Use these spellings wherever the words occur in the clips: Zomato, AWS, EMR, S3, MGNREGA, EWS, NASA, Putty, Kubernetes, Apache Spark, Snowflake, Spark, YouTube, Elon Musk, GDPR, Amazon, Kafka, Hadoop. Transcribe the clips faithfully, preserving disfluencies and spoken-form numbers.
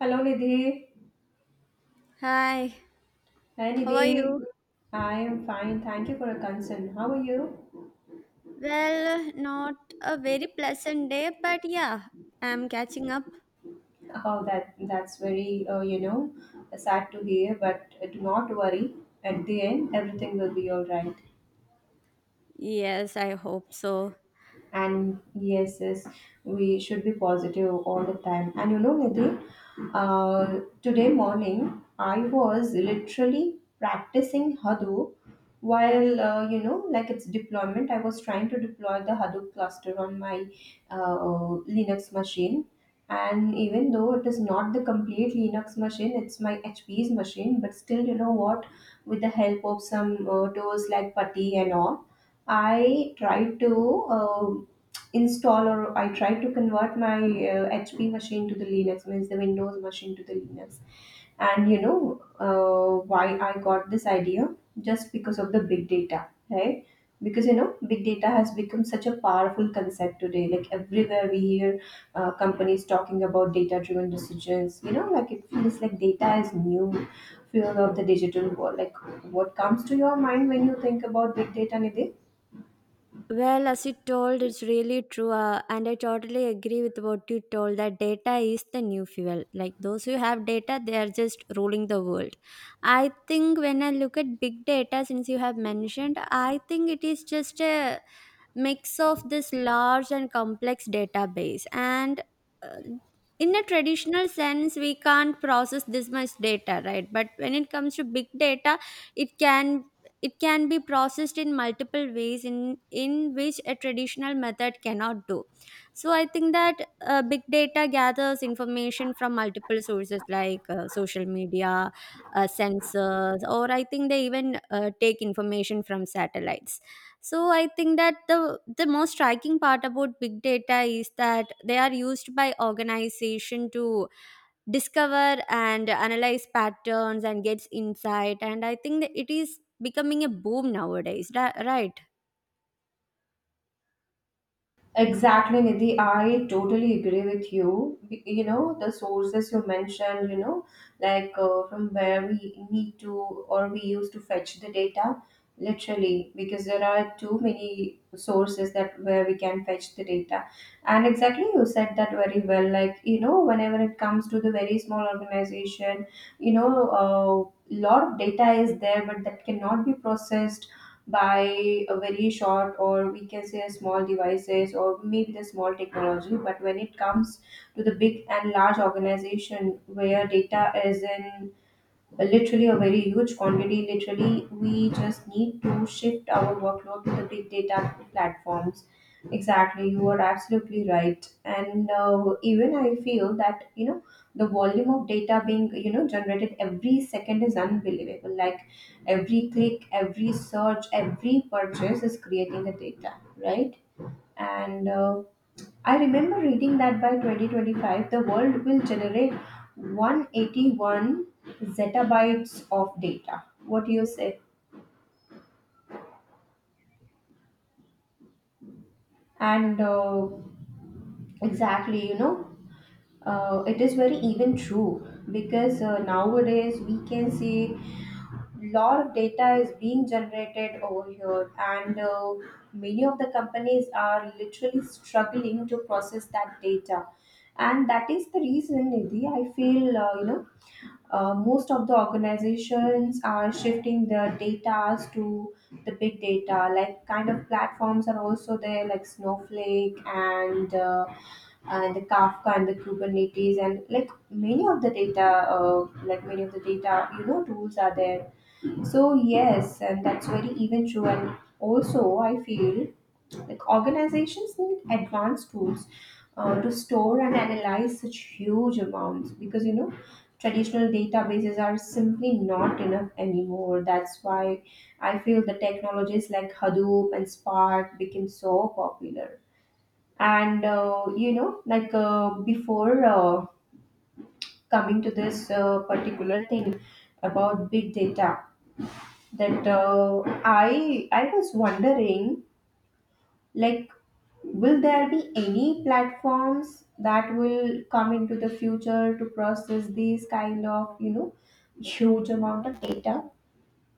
Hello, Nidhi. Hi, Hi, how are you? Nidhi. I am fine. Thank you for your concern. How are you? Well, not a very pleasant day, but yeah, I'm catching up. Oh, that that's very uh, you know sad to hear, but do not worry. At the end, everything will be all right. Yes, I hope so. And yes yes we should be positive all the time. And you know Nidhi, uh, today morning I was literally practicing Hadoop while, uh, you know like its deployment. I was trying to deploy the Hadoop cluster on my uh, Linux machine. And even though it is not the complete Linux machine, it's my H P's machine, but still, you know what, with the help of some uh, tools like Putty and all, I tried to uh, install, or I tried to convert my uh, H P machine to the Linux, means the Windows machine to the Linux. And you know, uh, why I got this idea? Just because of the big data, right? Because you know, big data has become such a powerful concept today. Like everywhere we hear uh, companies talking about data-driven decisions. You know, like it feels like data is new fuel of the digital world. Like, what comes to your mind when you think about big data, Nidhi? Well, as you told, it's really true, uh, and I totally agree with what you told that data is the new fuel. Like those who have data, they are just ruling the world. I think when I look at big data, since you have mentioned, I think it is just a mix of this large and complex database. And uh, in a traditional sense, we can't process this much data, right? But when it comes to big data, it can it can be processed in multiple ways in in which a traditional method cannot do. So I think that uh, big data gathers information from multiple sources like uh, social media, uh, sensors, or I think they even uh, take information from satellites. So I think that the the most striking part about big data is that they are used by organization to discover and analyze patterns and gets insight, and I think that it is becoming a boom nowadays, ri- right? Exactly, Nidhi. I totally agree with you. B- You know, the sources you mentioned, you know, like, uh, from where we need to or we used to fetch the data, literally, because there are too many sources that where we can fetch the data. And exactly, you said that very well. Like, you know, whenever it comes to the very small organization, you know, a lot of data is there, but that cannot be processed by a very short, or we can say a small devices or maybe the small technology. But when it comes to the big and large organization where data is in literally a very huge quantity, literally we just need to shift our workload to the big data platforms. Exactly, you are absolutely right. And uh, even I feel that, you know, the volume of data being, you know, generated every second is unbelievable. Like every click, every search, every purchase is creating the data, right? And uh, I remember reading that by twenty twenty-five, the world will generate one hundred eighty-one zettabytes of data. What do you say? And uh, exactly, you know, uh, it is very even true, because uh, nowadays we can see lot of data is being generated over here. And uh, many of the companies are literally struggling to process that data, and that is the reason, Nidhi, I feel, uh, you know Uh, most of the organizations are shifting their data to the big data. Like kind of platforms are also there like Snowflake and uh, and the Kafka and the Kubernetes, and like many of the data uh, like many of the data, you know, tools are there. So yes, and that's very even true. And also, I feel like organizations need advanced tools uh, to store and analyze such huge amounts, because you know traditional databases are simply not enough anymore. That's why I feel the technologies like Hadoop and Spark became so popular. And uh, you know, like uh, before uh, coming to this uh, particular thing about big data, that uh, I I was wondering, like, will there be any platforms that will come into the future to process these kind of, you know, huge amount of data?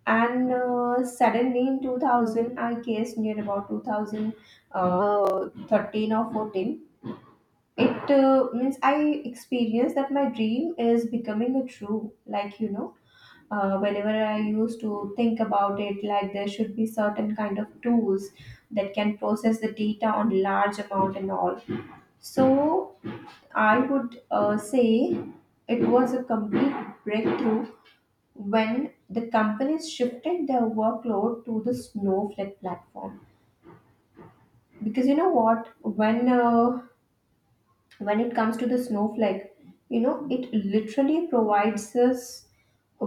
And uh, suddenly in two thousand, I guess near about two thousand thirteen or fourteen, it uh, means I experienced that my dream is becoming a true. Like, you know, uh, whenever I used to think about it, like there should be certain kind of tools that can process the data on large amount and all. So I would uh, say it was a complete breakthrough when the companies shifted their workload to the Snowflake platform, because you know what, when uh, when it comes to the Snowflake, you know, it literally provides us a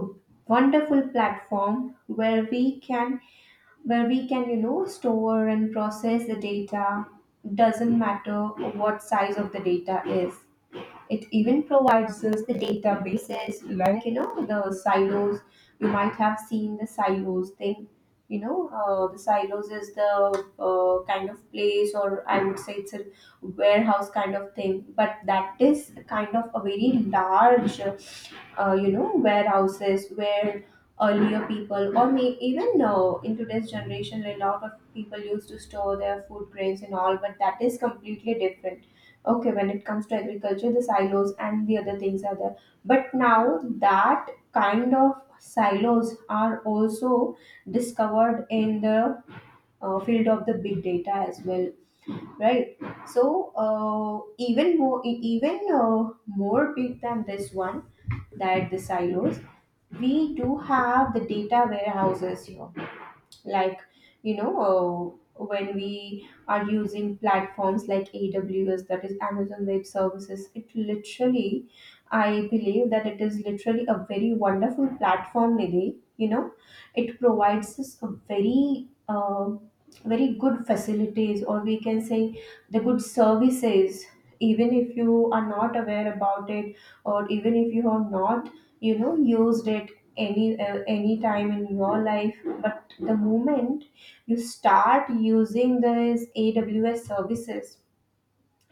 wonderful platform where we can where we can, you know, store and process the data. Doesn't matter what size of the data is, it even provides us the databases like, you know, the silos. You might have seen the silos thing. You know, uh, the silos is the uh, kind of place, or I would say it's a warehouse kind of thing, but that is kind of a very large uh, you know warehouses where earlier people, or may even uh, in today's generation, a lot of people used to store their food grains and all, but that is completely different. Okay, when it comes to agriculture, the silos and the other things are there. But now that kind of silos are also discovered in the uh, field of the big data as well, right? So uh, even more e- even uh, more big than this one, that the silos, we do have the data warehouses here. Like, you know, uh, when we are using platforms like AWS, that is Amazon Web Services, it literally, I believe that it is literally a very wonderful platform, Nidhi. You know, it provides us a very uh, very good facilities, or we can say the good services. Even if you are not aware about it, or even if you have not, you know, used it any uh, any time in your life, but the moment you start using these AWS services,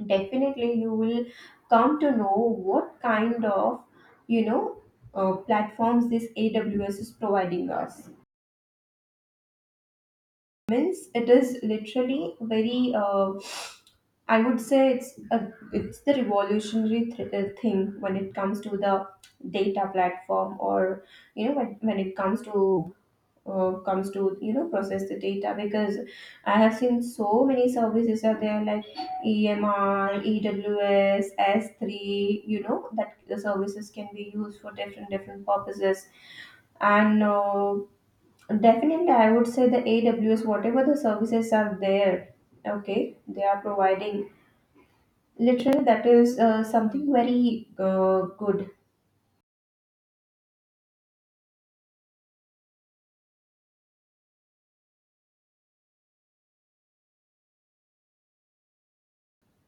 definitely you will come to know what kind of, you know, uh, platforms this AWS is providing us. Means it is literally very uh, I would say it's a it's the revolutionary th- uh, thing when it comes to the data platform, or you know when, when it comes to uh, comes to you know process the data. Because I have seen so many services are there like E M R, E W S, S S three. You know that the services can be used for different different purposes. And. Uh, Definitely, I would say the A W S, whatever the services are there, okay, they are providing literally that is uh, something very uh, good.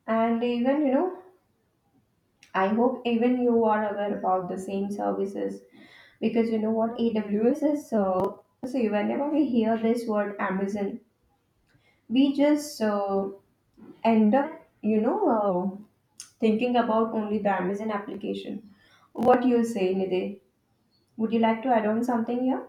And even, you know, I hope even you are aware about the same services, because you know what A W S is. Uh, so whenever we hear this word Amazon, we just uh, end up, you know, uh, thinking about only the Amazon application. What you say, Nide? Would you like to add on something here?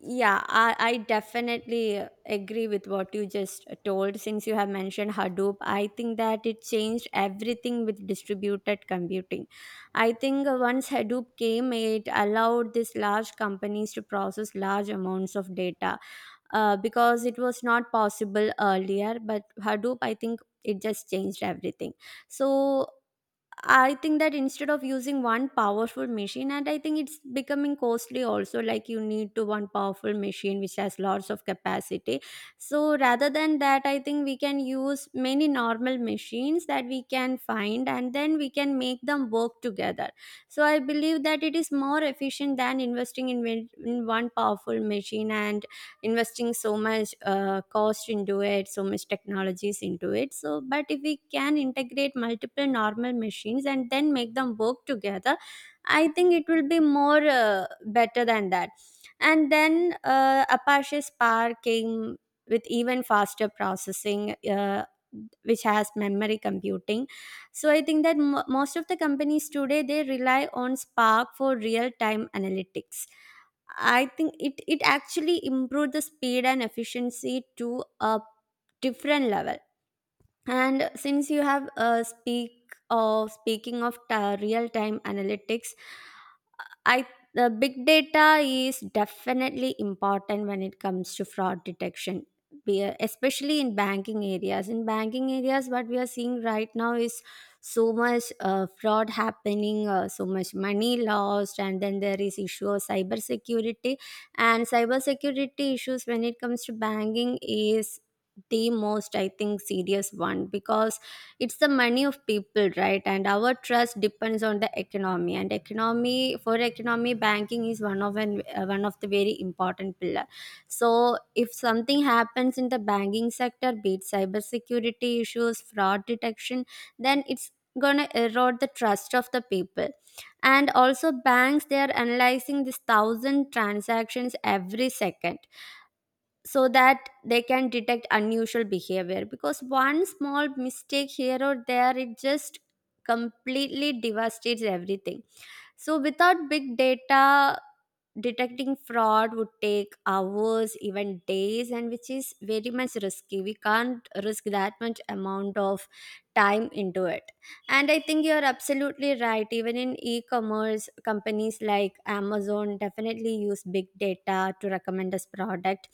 Yeah, I, I definitely agree with what you just told. Since you have mentioned Hadoop, I think that it changed everything with distributed computing. I think once Hadoop came, it allowed these large companies to process large amounts of data, uh, because it was not possible earlier. But Hadoop, I think it just changed everything. So I think that instead of using one powerful machine, and I think it's becoming costly also, like you need to one powerful machine which has lots of capacity. So rather than that, I think we can use many normal machines that we can find, and then we can make them work together. So I believe that it is more efficient than investing in, in one powerful machine and investing so much uh, cost into it, so much technologies into it. So but if we can integrate multiple normal machines and then make them work together, I think it will be more uh, better than that. And then uh, Apache Spark came with even faster processing, uh, which has memory computing. So I think that mo most of the companies today, they rely on Spark for real time analytics. I think it it actually improved the speed and efficiency to a different level. And since you have uh, speak of speaking of ta real time analytics, I the big data is definitely important when it comes to fraud detection. We are- especially in banking areas. In banking areas, what we are seeing right now is so much uh, fraud happening, uh, so much money lost, and then there is issue of cybersecurity. And cybersecurity issues when it comes to banking is the most, I think, serious one, because it's the money of people, right? And our trust depends on the economy, and economy, for economy banking is one of an uh, one of the very important pillar. So if something happens in the banking sector, be it cybersecurity issues, fraud detection, then it's gonna erode the trust of the people. And also banks, they are analyzing this thousand transactions every second, so that they can detect unusual behavior, because one small mistake here or there, it just completely devastates everything. So without big data, detecting fraud would take hours, even days, and which is very much risky. We can't risk that much amount of time into it. And I think you're absolutely right. Even in e commerce, companies like Amazon definitely use big data to recommend us product.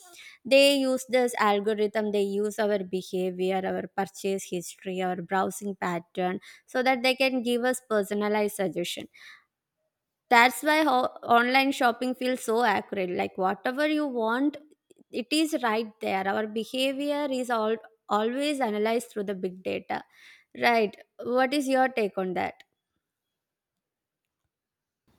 They use this algorithm, they use our behavior, our purchase history, our browsing pattern, so that they can give us personalized suggestion. That's why ho- online shopping feels so accurate. Like whatever you want, it is right there. Our behavior is all always analyzed through the big data. Right. What is your take on that?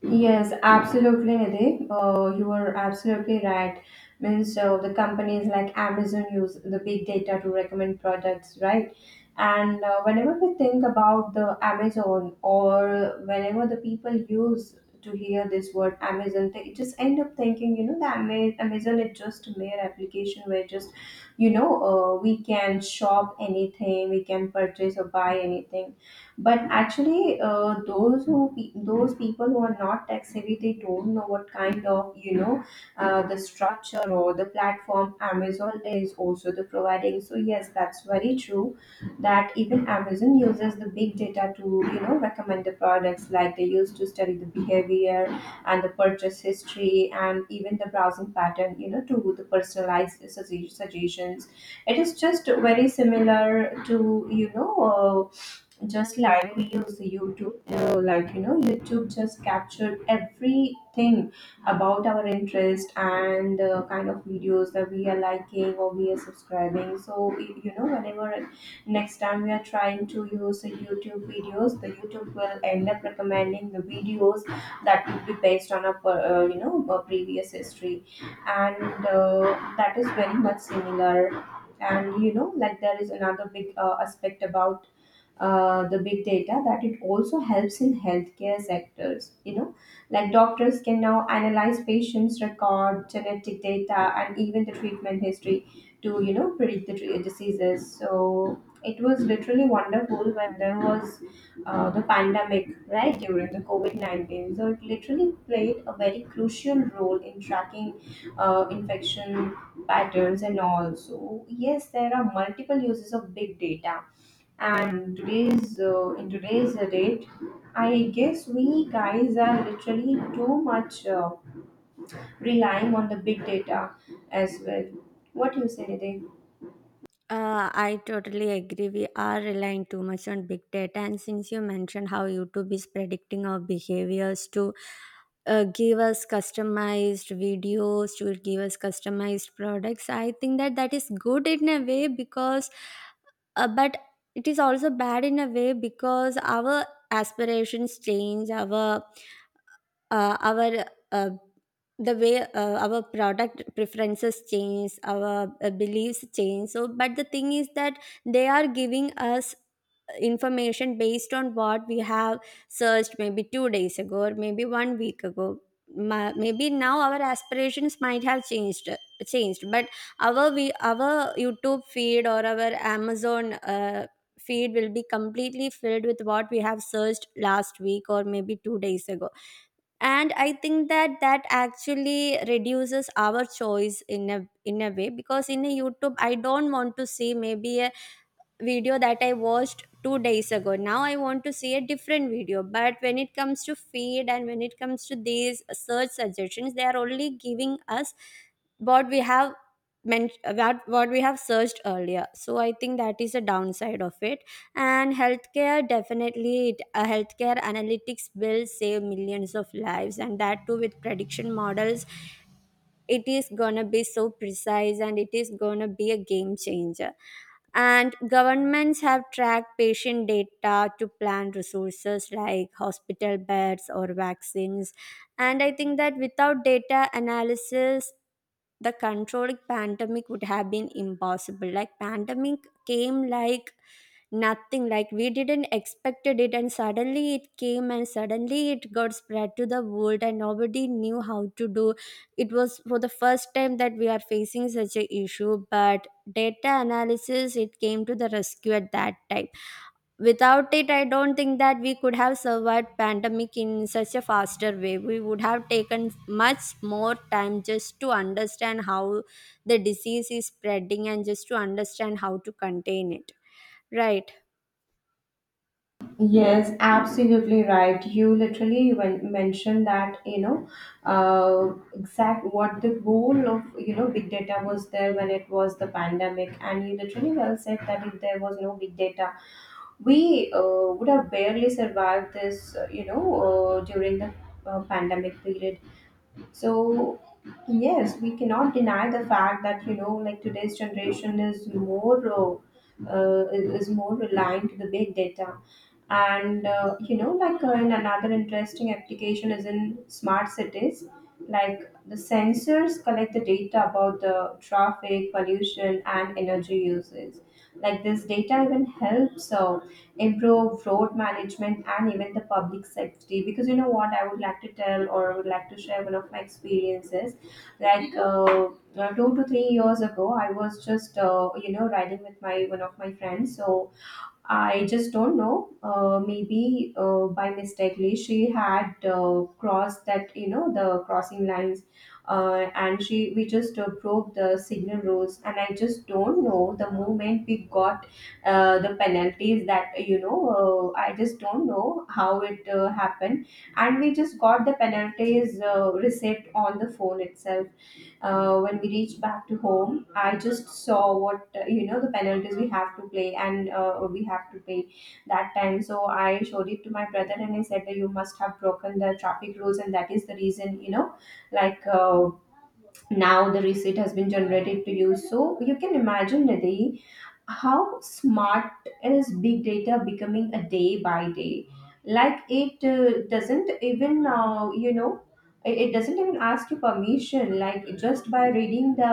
Yes, absolutely, Nidhi. Uh, you are absolutely right. Means uh, the companies like Amazon use the big data to recommend products, right? And uh, whenever we think about the Amazon, or whenever the people use to hear this word Amazon, they just end up thinking, you know, that Ama- Amazon is just a mere application where just, you know, uh, we can shop anything, we can purchase or buy anything. But actually, uh, those who pe- those people who are not tech savvy, they don't know what kind of, you know, uh, the structure or the platform Amazon is also the providing. So yes, that's very true that even Amazon uses the big data to, you know, recommend the products. Like they used to study the behavior and the purchase history and even the browsing pattern, you know, to the personalized sugge- suggestions. It is just very similar to, you know, uh, just like we use YouTube. Uh, like, you know, YouTube just captured everything about our interest and uh, kind of videos that we are liking or we are subscribing. So y- you know, whenever next time we are trying to use the YouTube videos, the YouTube will end up recommending the videos that would be based on a per- uh, you know a previous history. And uh, that is very much similar. And you know, like there is another big uh, aspect about uh, the big data, that it also helps in healthcare sectors. You know, like doctors can now analyze patients record, genetic data, and even the treatment history to, you know, predict the tre- diseases. So it was literally wonderful when there was uh, the pandemic, right? During the COVID nineteen, so it literally played a very crucial role in tracking uh, infection patterns and all. So yes, there are multiple uses of big data. And today's uh, in today's uh, date, I guess we guys are literally too much uh, relying on the big data as well. What do you say, Nidhi? Uh, I totally agree. We are relying too much on big data. And since you mentioned how YouTube is predicting our behaviors to uh, give us customized videos, to give us customized products, I think that that is good in a way because, uh, but it is also bad in a way, because our aspirations change, our uh, our uh, the way uh, our product preferences change, our uh, beliefs change. So but the thing is that they are giving us information based on what we have searched maybe two days ago or maybe one week ago. Ma- maybe now our aspirations might have changed changed, but our we our YouTube feed or our Amazon uh, feed will be completely filled with what we have searched last week or maybe two days ago. And I think that that actually reduces our choice in a in a way, because in a YouTube, I don't want to see maybe a video that I watched two days ago. Now I want to see a different video. But when it comes to feed and when it comes to these search suggestions, they are only giving us what we have meant what what we have searched earlier. So I think that is a downside of it. And healthcare, definitely it, uh, healthcare analytics will save millions of lives, and that too with prediction models, it is gonna be so precise and it is gonna be a game changer. And governments have tracked patient data to plan resources like hospital beds or vaccines. And I think that without data analysis, the controlled pandemic would have been impossible. Like pandemic came like nothing, like we didn't expected it, and suddenly it came and suddenly it got spread to the world, and nobody knew how to do. It was for the first time that we are facing such a issue, but data analysis, it came to the rescue at that time. Without it, I don't think that we could have survived pandemic in such a faster way. We would have taken much more time just to understand how the disease is spreading and just to understand how to contain it, right? Yes, absolutely right. You literally when mentioned that, you know, uh, exact what the goal of, you know, big data was there when it was the pandemic. And you literally well said that if there was no big data, we uh, would have barely survived this, uh, you know, uh, during the uh, pandemic period. So, yes, we cannot deny the fact that, you know, like today's generation is more. Uh, uh, is is more reliant to the big data and uh, you know, like uh, in another interesting application is in smart cities. Like the sensors collect the data about the traffic pollution and energy uses, like this data even helps uh, improve road management and even the public safety. Because you know what, I would like to tell or I would like to share one of my experiences. like uh, uh, Two to three years ago, I was just uh, you know riding with my one of my friends. So I just don't know. Uh, maybe uh, by mistakenly she had uh, crossed that you know the crossing lines, uh, and she we just uh, broke the signal rules. And I just don't know, the moment we got uh, the penalties that you know. Uh, I just don't know how it uh, happened, and we just got the penalties uh, receipt on the phone itself. Uh, when we reached back to home, I just saw what uh, you know the penalties we have to play and uh, we have to pay that time. So I showed it to my brother and I said that you must have broken the traffic rules, and that is the reason, you know, like uh, now the receipt has been generated to you. So you can imagine, Nidhi, how smart is big data becoming a day by day. Like it uh, doesn't even uh, you know it, it doesn't even ask you permission. Like just by reading the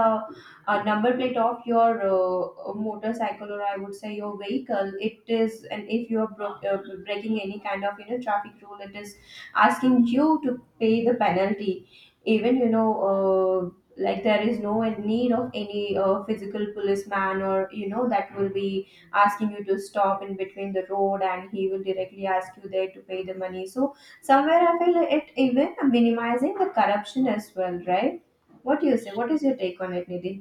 uh, number plate of your uh, motorcycle, or I would say your vehicle it is, and if you are bro- uh, breaking any kind of, you know, traffic rule, it is asking you to pay the penalty. Even, you know uh, like there is no need of any uh, physical policeman, or you know, that will be asking you to stop in between the road and he will directly ask you there to pay the money. So somewhere I feel it even minimizing the corruption as well, right? What do you say? What is your take on it, Nidhi?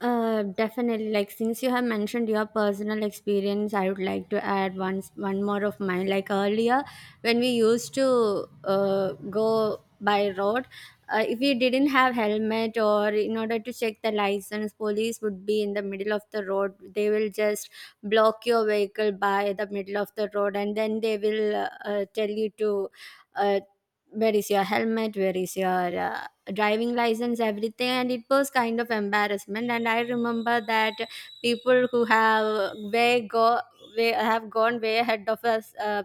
Uh, definitely. Like since you have mentioned your personal experience, I would like to add one one more of mine. Like earlier, when we used to uh, go by road, uh, if we didn't have helmet or in order to check the license, police would be in the middle of the road. They will just block your vehicle by the middle of the road, and then they will uh, uh, tell you to. Uh, where is your helmet, where is your uh, driving license, everything? And it was kind of embarrassment, and I remember that people who have way go way have gone way ahead of us, uh,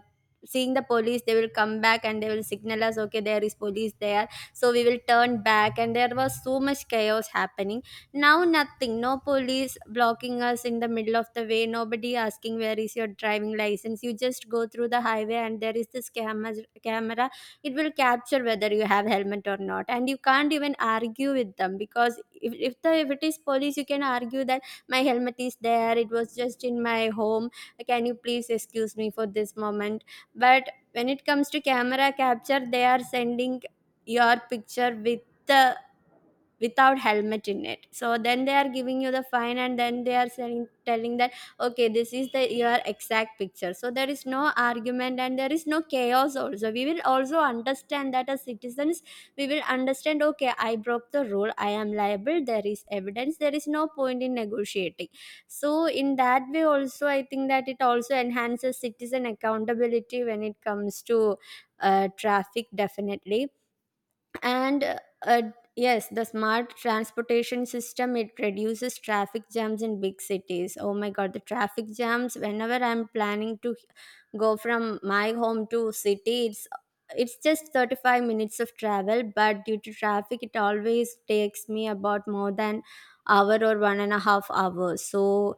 seeing the police, they will come back and they will signal us, okay, there is police there, so we will turn back, and there was so much chaos happening. Now nothing, no police blocking us in the middle of the way, nobody asking where is your driving license. You just go through the highway, and there is this camera camera, it will capture whether you have helmet or not. And you can't even argue with them, because if, if the if it is police, you can argue that my helmet is there, it was just in my home, can you please excuse me for this moment? But when it comes to camera capture, they are sending your picture with the without helmet in it. So then they are giving you the fine, and then they are saying telling that, okay, this is the your exact picture. So there is no argument and there is no chaos. Also, we will also understand that as citizens, we will understand okay, I broke the rule, I am liable, there is evidence, there is no point in negotiating. So in that way also, I think that it also enhances citizen accountability when it comes to uh, traffic, definitely. And uh, uh, yes, the smart transportation system, it reduces traffic jams in big cities. Oh my god, the traffic jams. Whenever I'm planning to go from my home to city, it's it's just thirty-five minutes of travel, but due to traffic, it always takes me about more than hour or one and a half hours. So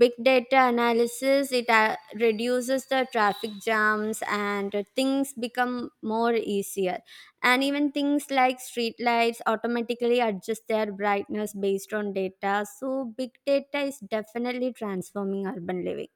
big data analysis, it uh, reduces the traffic jams, and things become more easier. And even things like street lights automatically adjust their brightness based on data. So big data is definitely transforming urban living.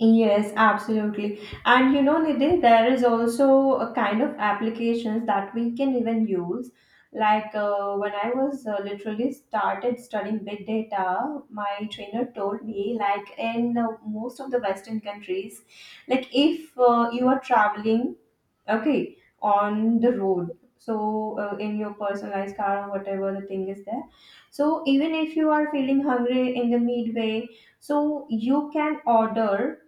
Yes, absolutely. And you know, Nidhi, there is also a kind of applications that we can even use. Like uh, when I was uh, literally started studying big data, my trainer told me, like in uh, most of the Western countries, like if uh, you are traveling, okay, on the road, so uh, in your personalized car or whatever the thing is there, so even if you are feeling hungry in the midway, so you can order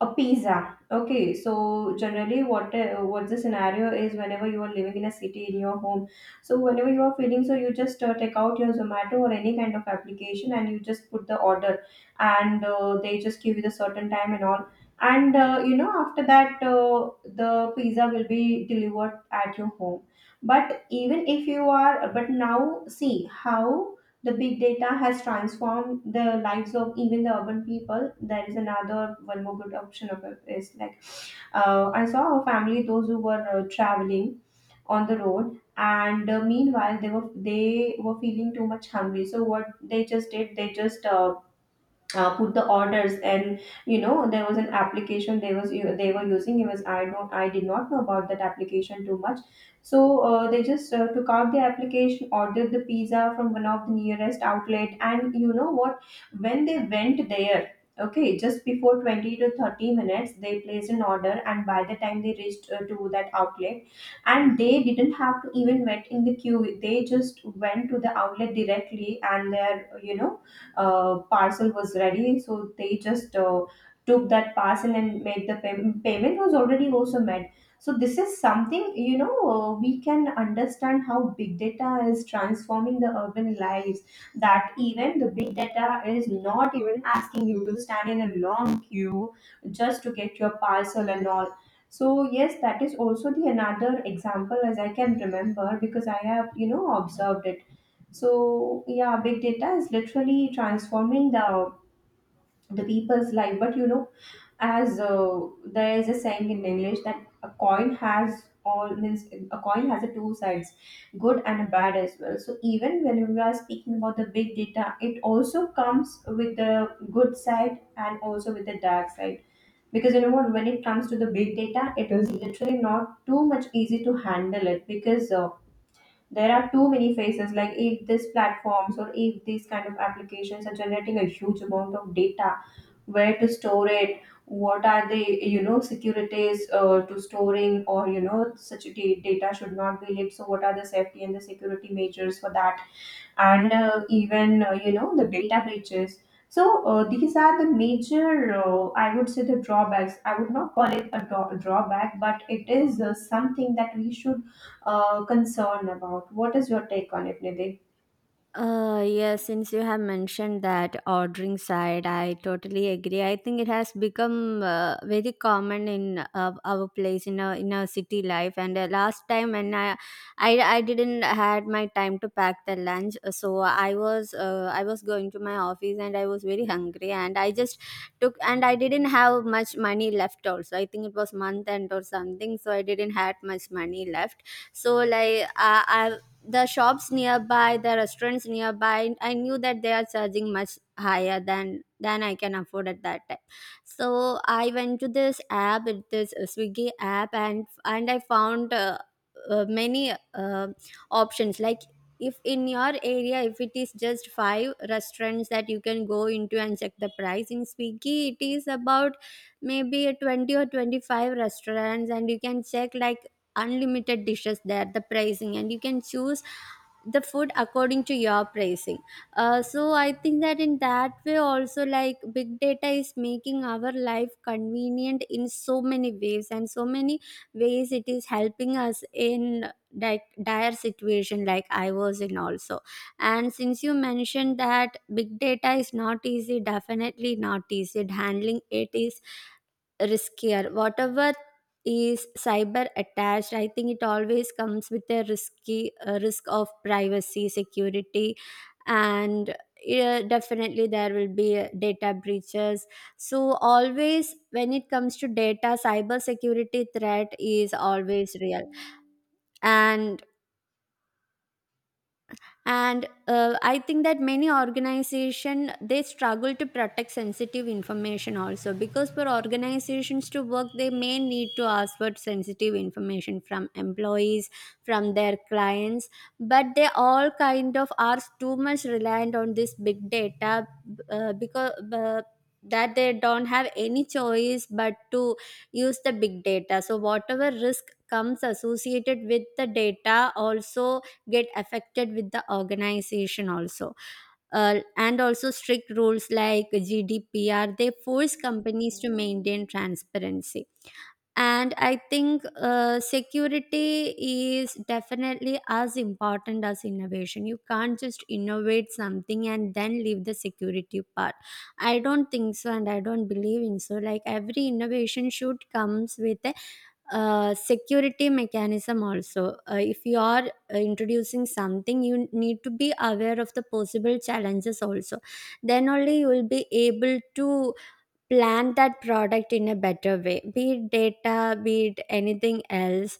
a pizza. Okay, so generally, what uh, what the scenario is whenever you are living in a city in your home. So whenever you are feeling so, you just uh, take out your Zomato or any kind of application and you just put the order, and uh, they just give you the certain time and all. And uh, you know, after that, uh, the pizza will be delivered at your home. But even if you are, but now see how the big data has transformed the lives of even the urban people. There is another one more good option of it is like uh, I saw a family those who were uh, traveling on the road, and uh, meanwhile they were they were feeling too much hungry. So what they just did, they just uh, uh, put the orders. And you know, there was an application they was they were using. It was, I don't, I did not know about that application too much. So uh, they just uh, took out the application, ordered the pizza from one of the nearest outlet. And you know what, when they went there, okay, just before twenty to thirty minutes they placed an order, and by the time they reached uh, to that outlet, and they didn't have to even wait in the queue. They just went to the outlet directly, and their, you know, uh, parcel was ready. So they just uh, took that parcel and made the pay- payment was already also made. So this is something, you know, uh, we can understand how big data is transforming the urban lives, that even the big data is not even asking you to stand in a long queue just to get your parcel and all. So yes, that is also the another example, as I can remember, because I have, you know, observed it. So yeah, big data is literally transforming the the people's life. But you know, as uh, there is a saying in English that a coin has, all means, a coin has a two sides, good and a bad as well. So even when we are speaking about the big data, it also comes with the good side and also with the dark side. Because you know what, when it comes to the big data, it is literally not too much easy to handle it because. Uh, There are too many phases. Like if this platforms or if these kind of applications are generating a huge amount of data, where to store it, what are the, you know, securities uh, to storing, or you know, such da- data should not be leaked. So what are the safety and the security measures for that? And uh, even uh, you know, the data breaches. So uh, these are the major uh, I would say the drawbacks. I would not call it a draw- drawback, but it is uh, something that we should uh, concern about. What is your take on it, Nidhi? Uh, yes, since you have mentioned that ordering side, I totally agree. I think it has become uh, very common in uh, our place, in our in our city life. And uh, last time, when I, I I didn't had my time to pack the lunch, uh, so I was uh, I was going to my office, and I was very hungry, and I just took and I didn't have much money left. Also, I think it was month end or something, so I didn't had much money left so like I, the shops nearby the restaurants nearby I knew that they are charging much higher than than I can afford at that time. So I went to this app, it is a Swiggy app, and and I found uh, uh, many uh, options like if in your area if it is just five restaurants that you can go into and check the price, in Swiggy it is about maybe twenty or twenty-five restaurants and you can check like unlimited dishes there, the pricing, and you can choose the food according to your pricing. Uh, so I think that in that way also, like, big data is making our life convenient in so many ways, and so many ways it is helping us in di- dire situation like I was in also. And since you mentioned that big data is not easy, definitely not easy handling, it is riskier. Whatever is cyber attached, I think it always comes with a risky uh, risk of privacy, security, and yeah, definitely there will be uh, data breaches. So always when it comes to data, cyber security threat is always real. And and uh, I think that many organization, they struggle to protect sensitive information also, because for organizations to work they may need to ask for sensitive information from employees, from their clients, but they all kind of are too much reliant on this big data, uh, because uh, that they don't have any choice but to use the big data. So whatever risk comes associated with the data also get affected with the organization also. Uh, and also strict rules like G D P R, they force companies to maintain transparency. And I think uh, security is definitely as important as innovation. You can't just innovate something and then leave the security part. I don't think so, and I don't believe in so. Like, every innovation should comes with a uh, security mechanism also. Uh, if you are uh, introducing something, you need to be aware of the possible challenges also. Then only you will be able to plan that product in a better way, be it data, be it anything else.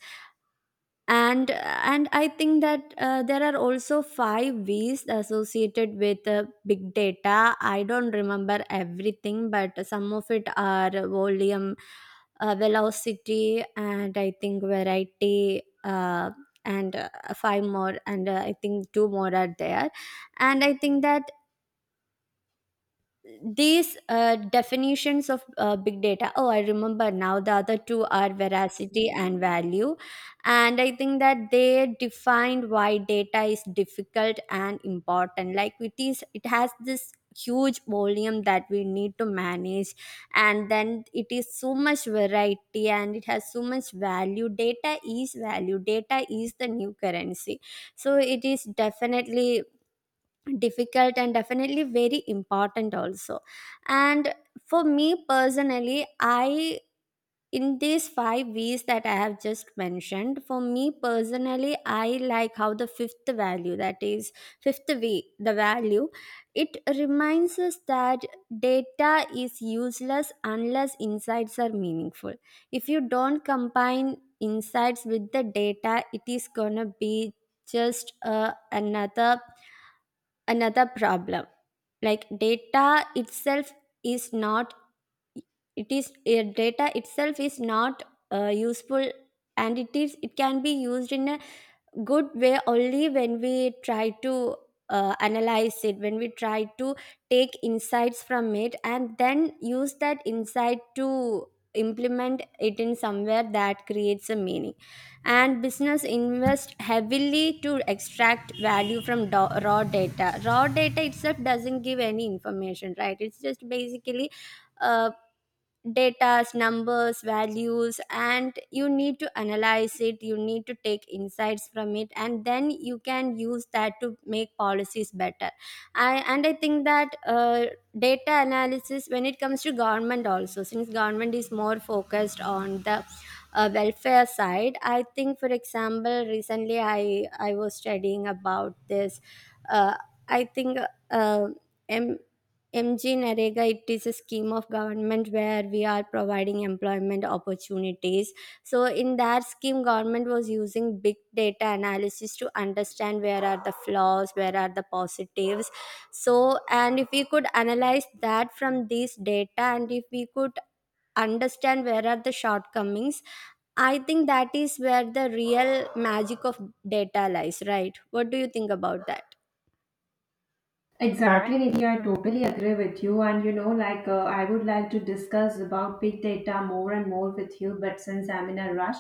And and I think that uh, there are also five V's associated with uh, big data. I don't remember everything, but some of it are volume, uh, velocity, and I think variety, uh, and uh, five more, and uh, I think two more are there. And I think that these uh, definitions of uh, big data, oh, I remember now, the other two are veracity and value. And I think that they defined why data is difficult and important. Like, it is, it has this huge volume that we need to manage, and then it is so much variety, and it has so much value. Data is value, data is the new currency. So it is definitely difficult and definitely very important also. And for me personally, I, in these five V's that I have just mentioned, for me personally, I like how the fifth value, that is fifth V, the value, it reminds us that data is useless unless insights are meaningful. If you don't combine insights with the data, it is gonna be just uh, another another problem. Like, data itself is not, it is, uh, data itself is not uh, useful, and it is, it can be used in a good way only when we try to uh, analyze it, when we try to take insights from it and then use that insight to implement it in somewhere that creates a meaning. And business invest heavily to extract value from do- raw data Raw data itself doesn't give any information, right? It's just basically uh, datas, numbers, values, and you need to analyze it, you need to take insights from it, and then you can use that to make policies better. I, and I think that uh, data analysis, when it comes to government also, since government is more focused on the uh, welfare side, I think for example recently i i was studying about this, uh, i think uh, M- M G Narega, it is a scheme of government where we are providing employment opportunities. So in that scheme, government was using big data analysis to understand where are the flaws, where are the positives. So, and if we could analyze that from these data and if we could understand where are the shortcomings, I think that is where the real magic of data lies, right? What do you think about that? Exactly, Nidhi. I totally agree with you. And you know, like uh, I would like to discuss about big data more and more with you. But since I'm in a rush,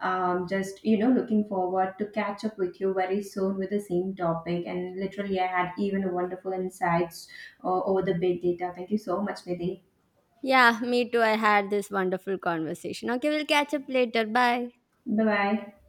um, just you know, looking forward to catch up with you very soon with the same topic. And literally, I had even wonderful insights uh, over the big data. Thank you so much, Nidhi. Yeah, me too, I had this wonderful conversation. Okay, we'll catch up later. Bye. Bye bye.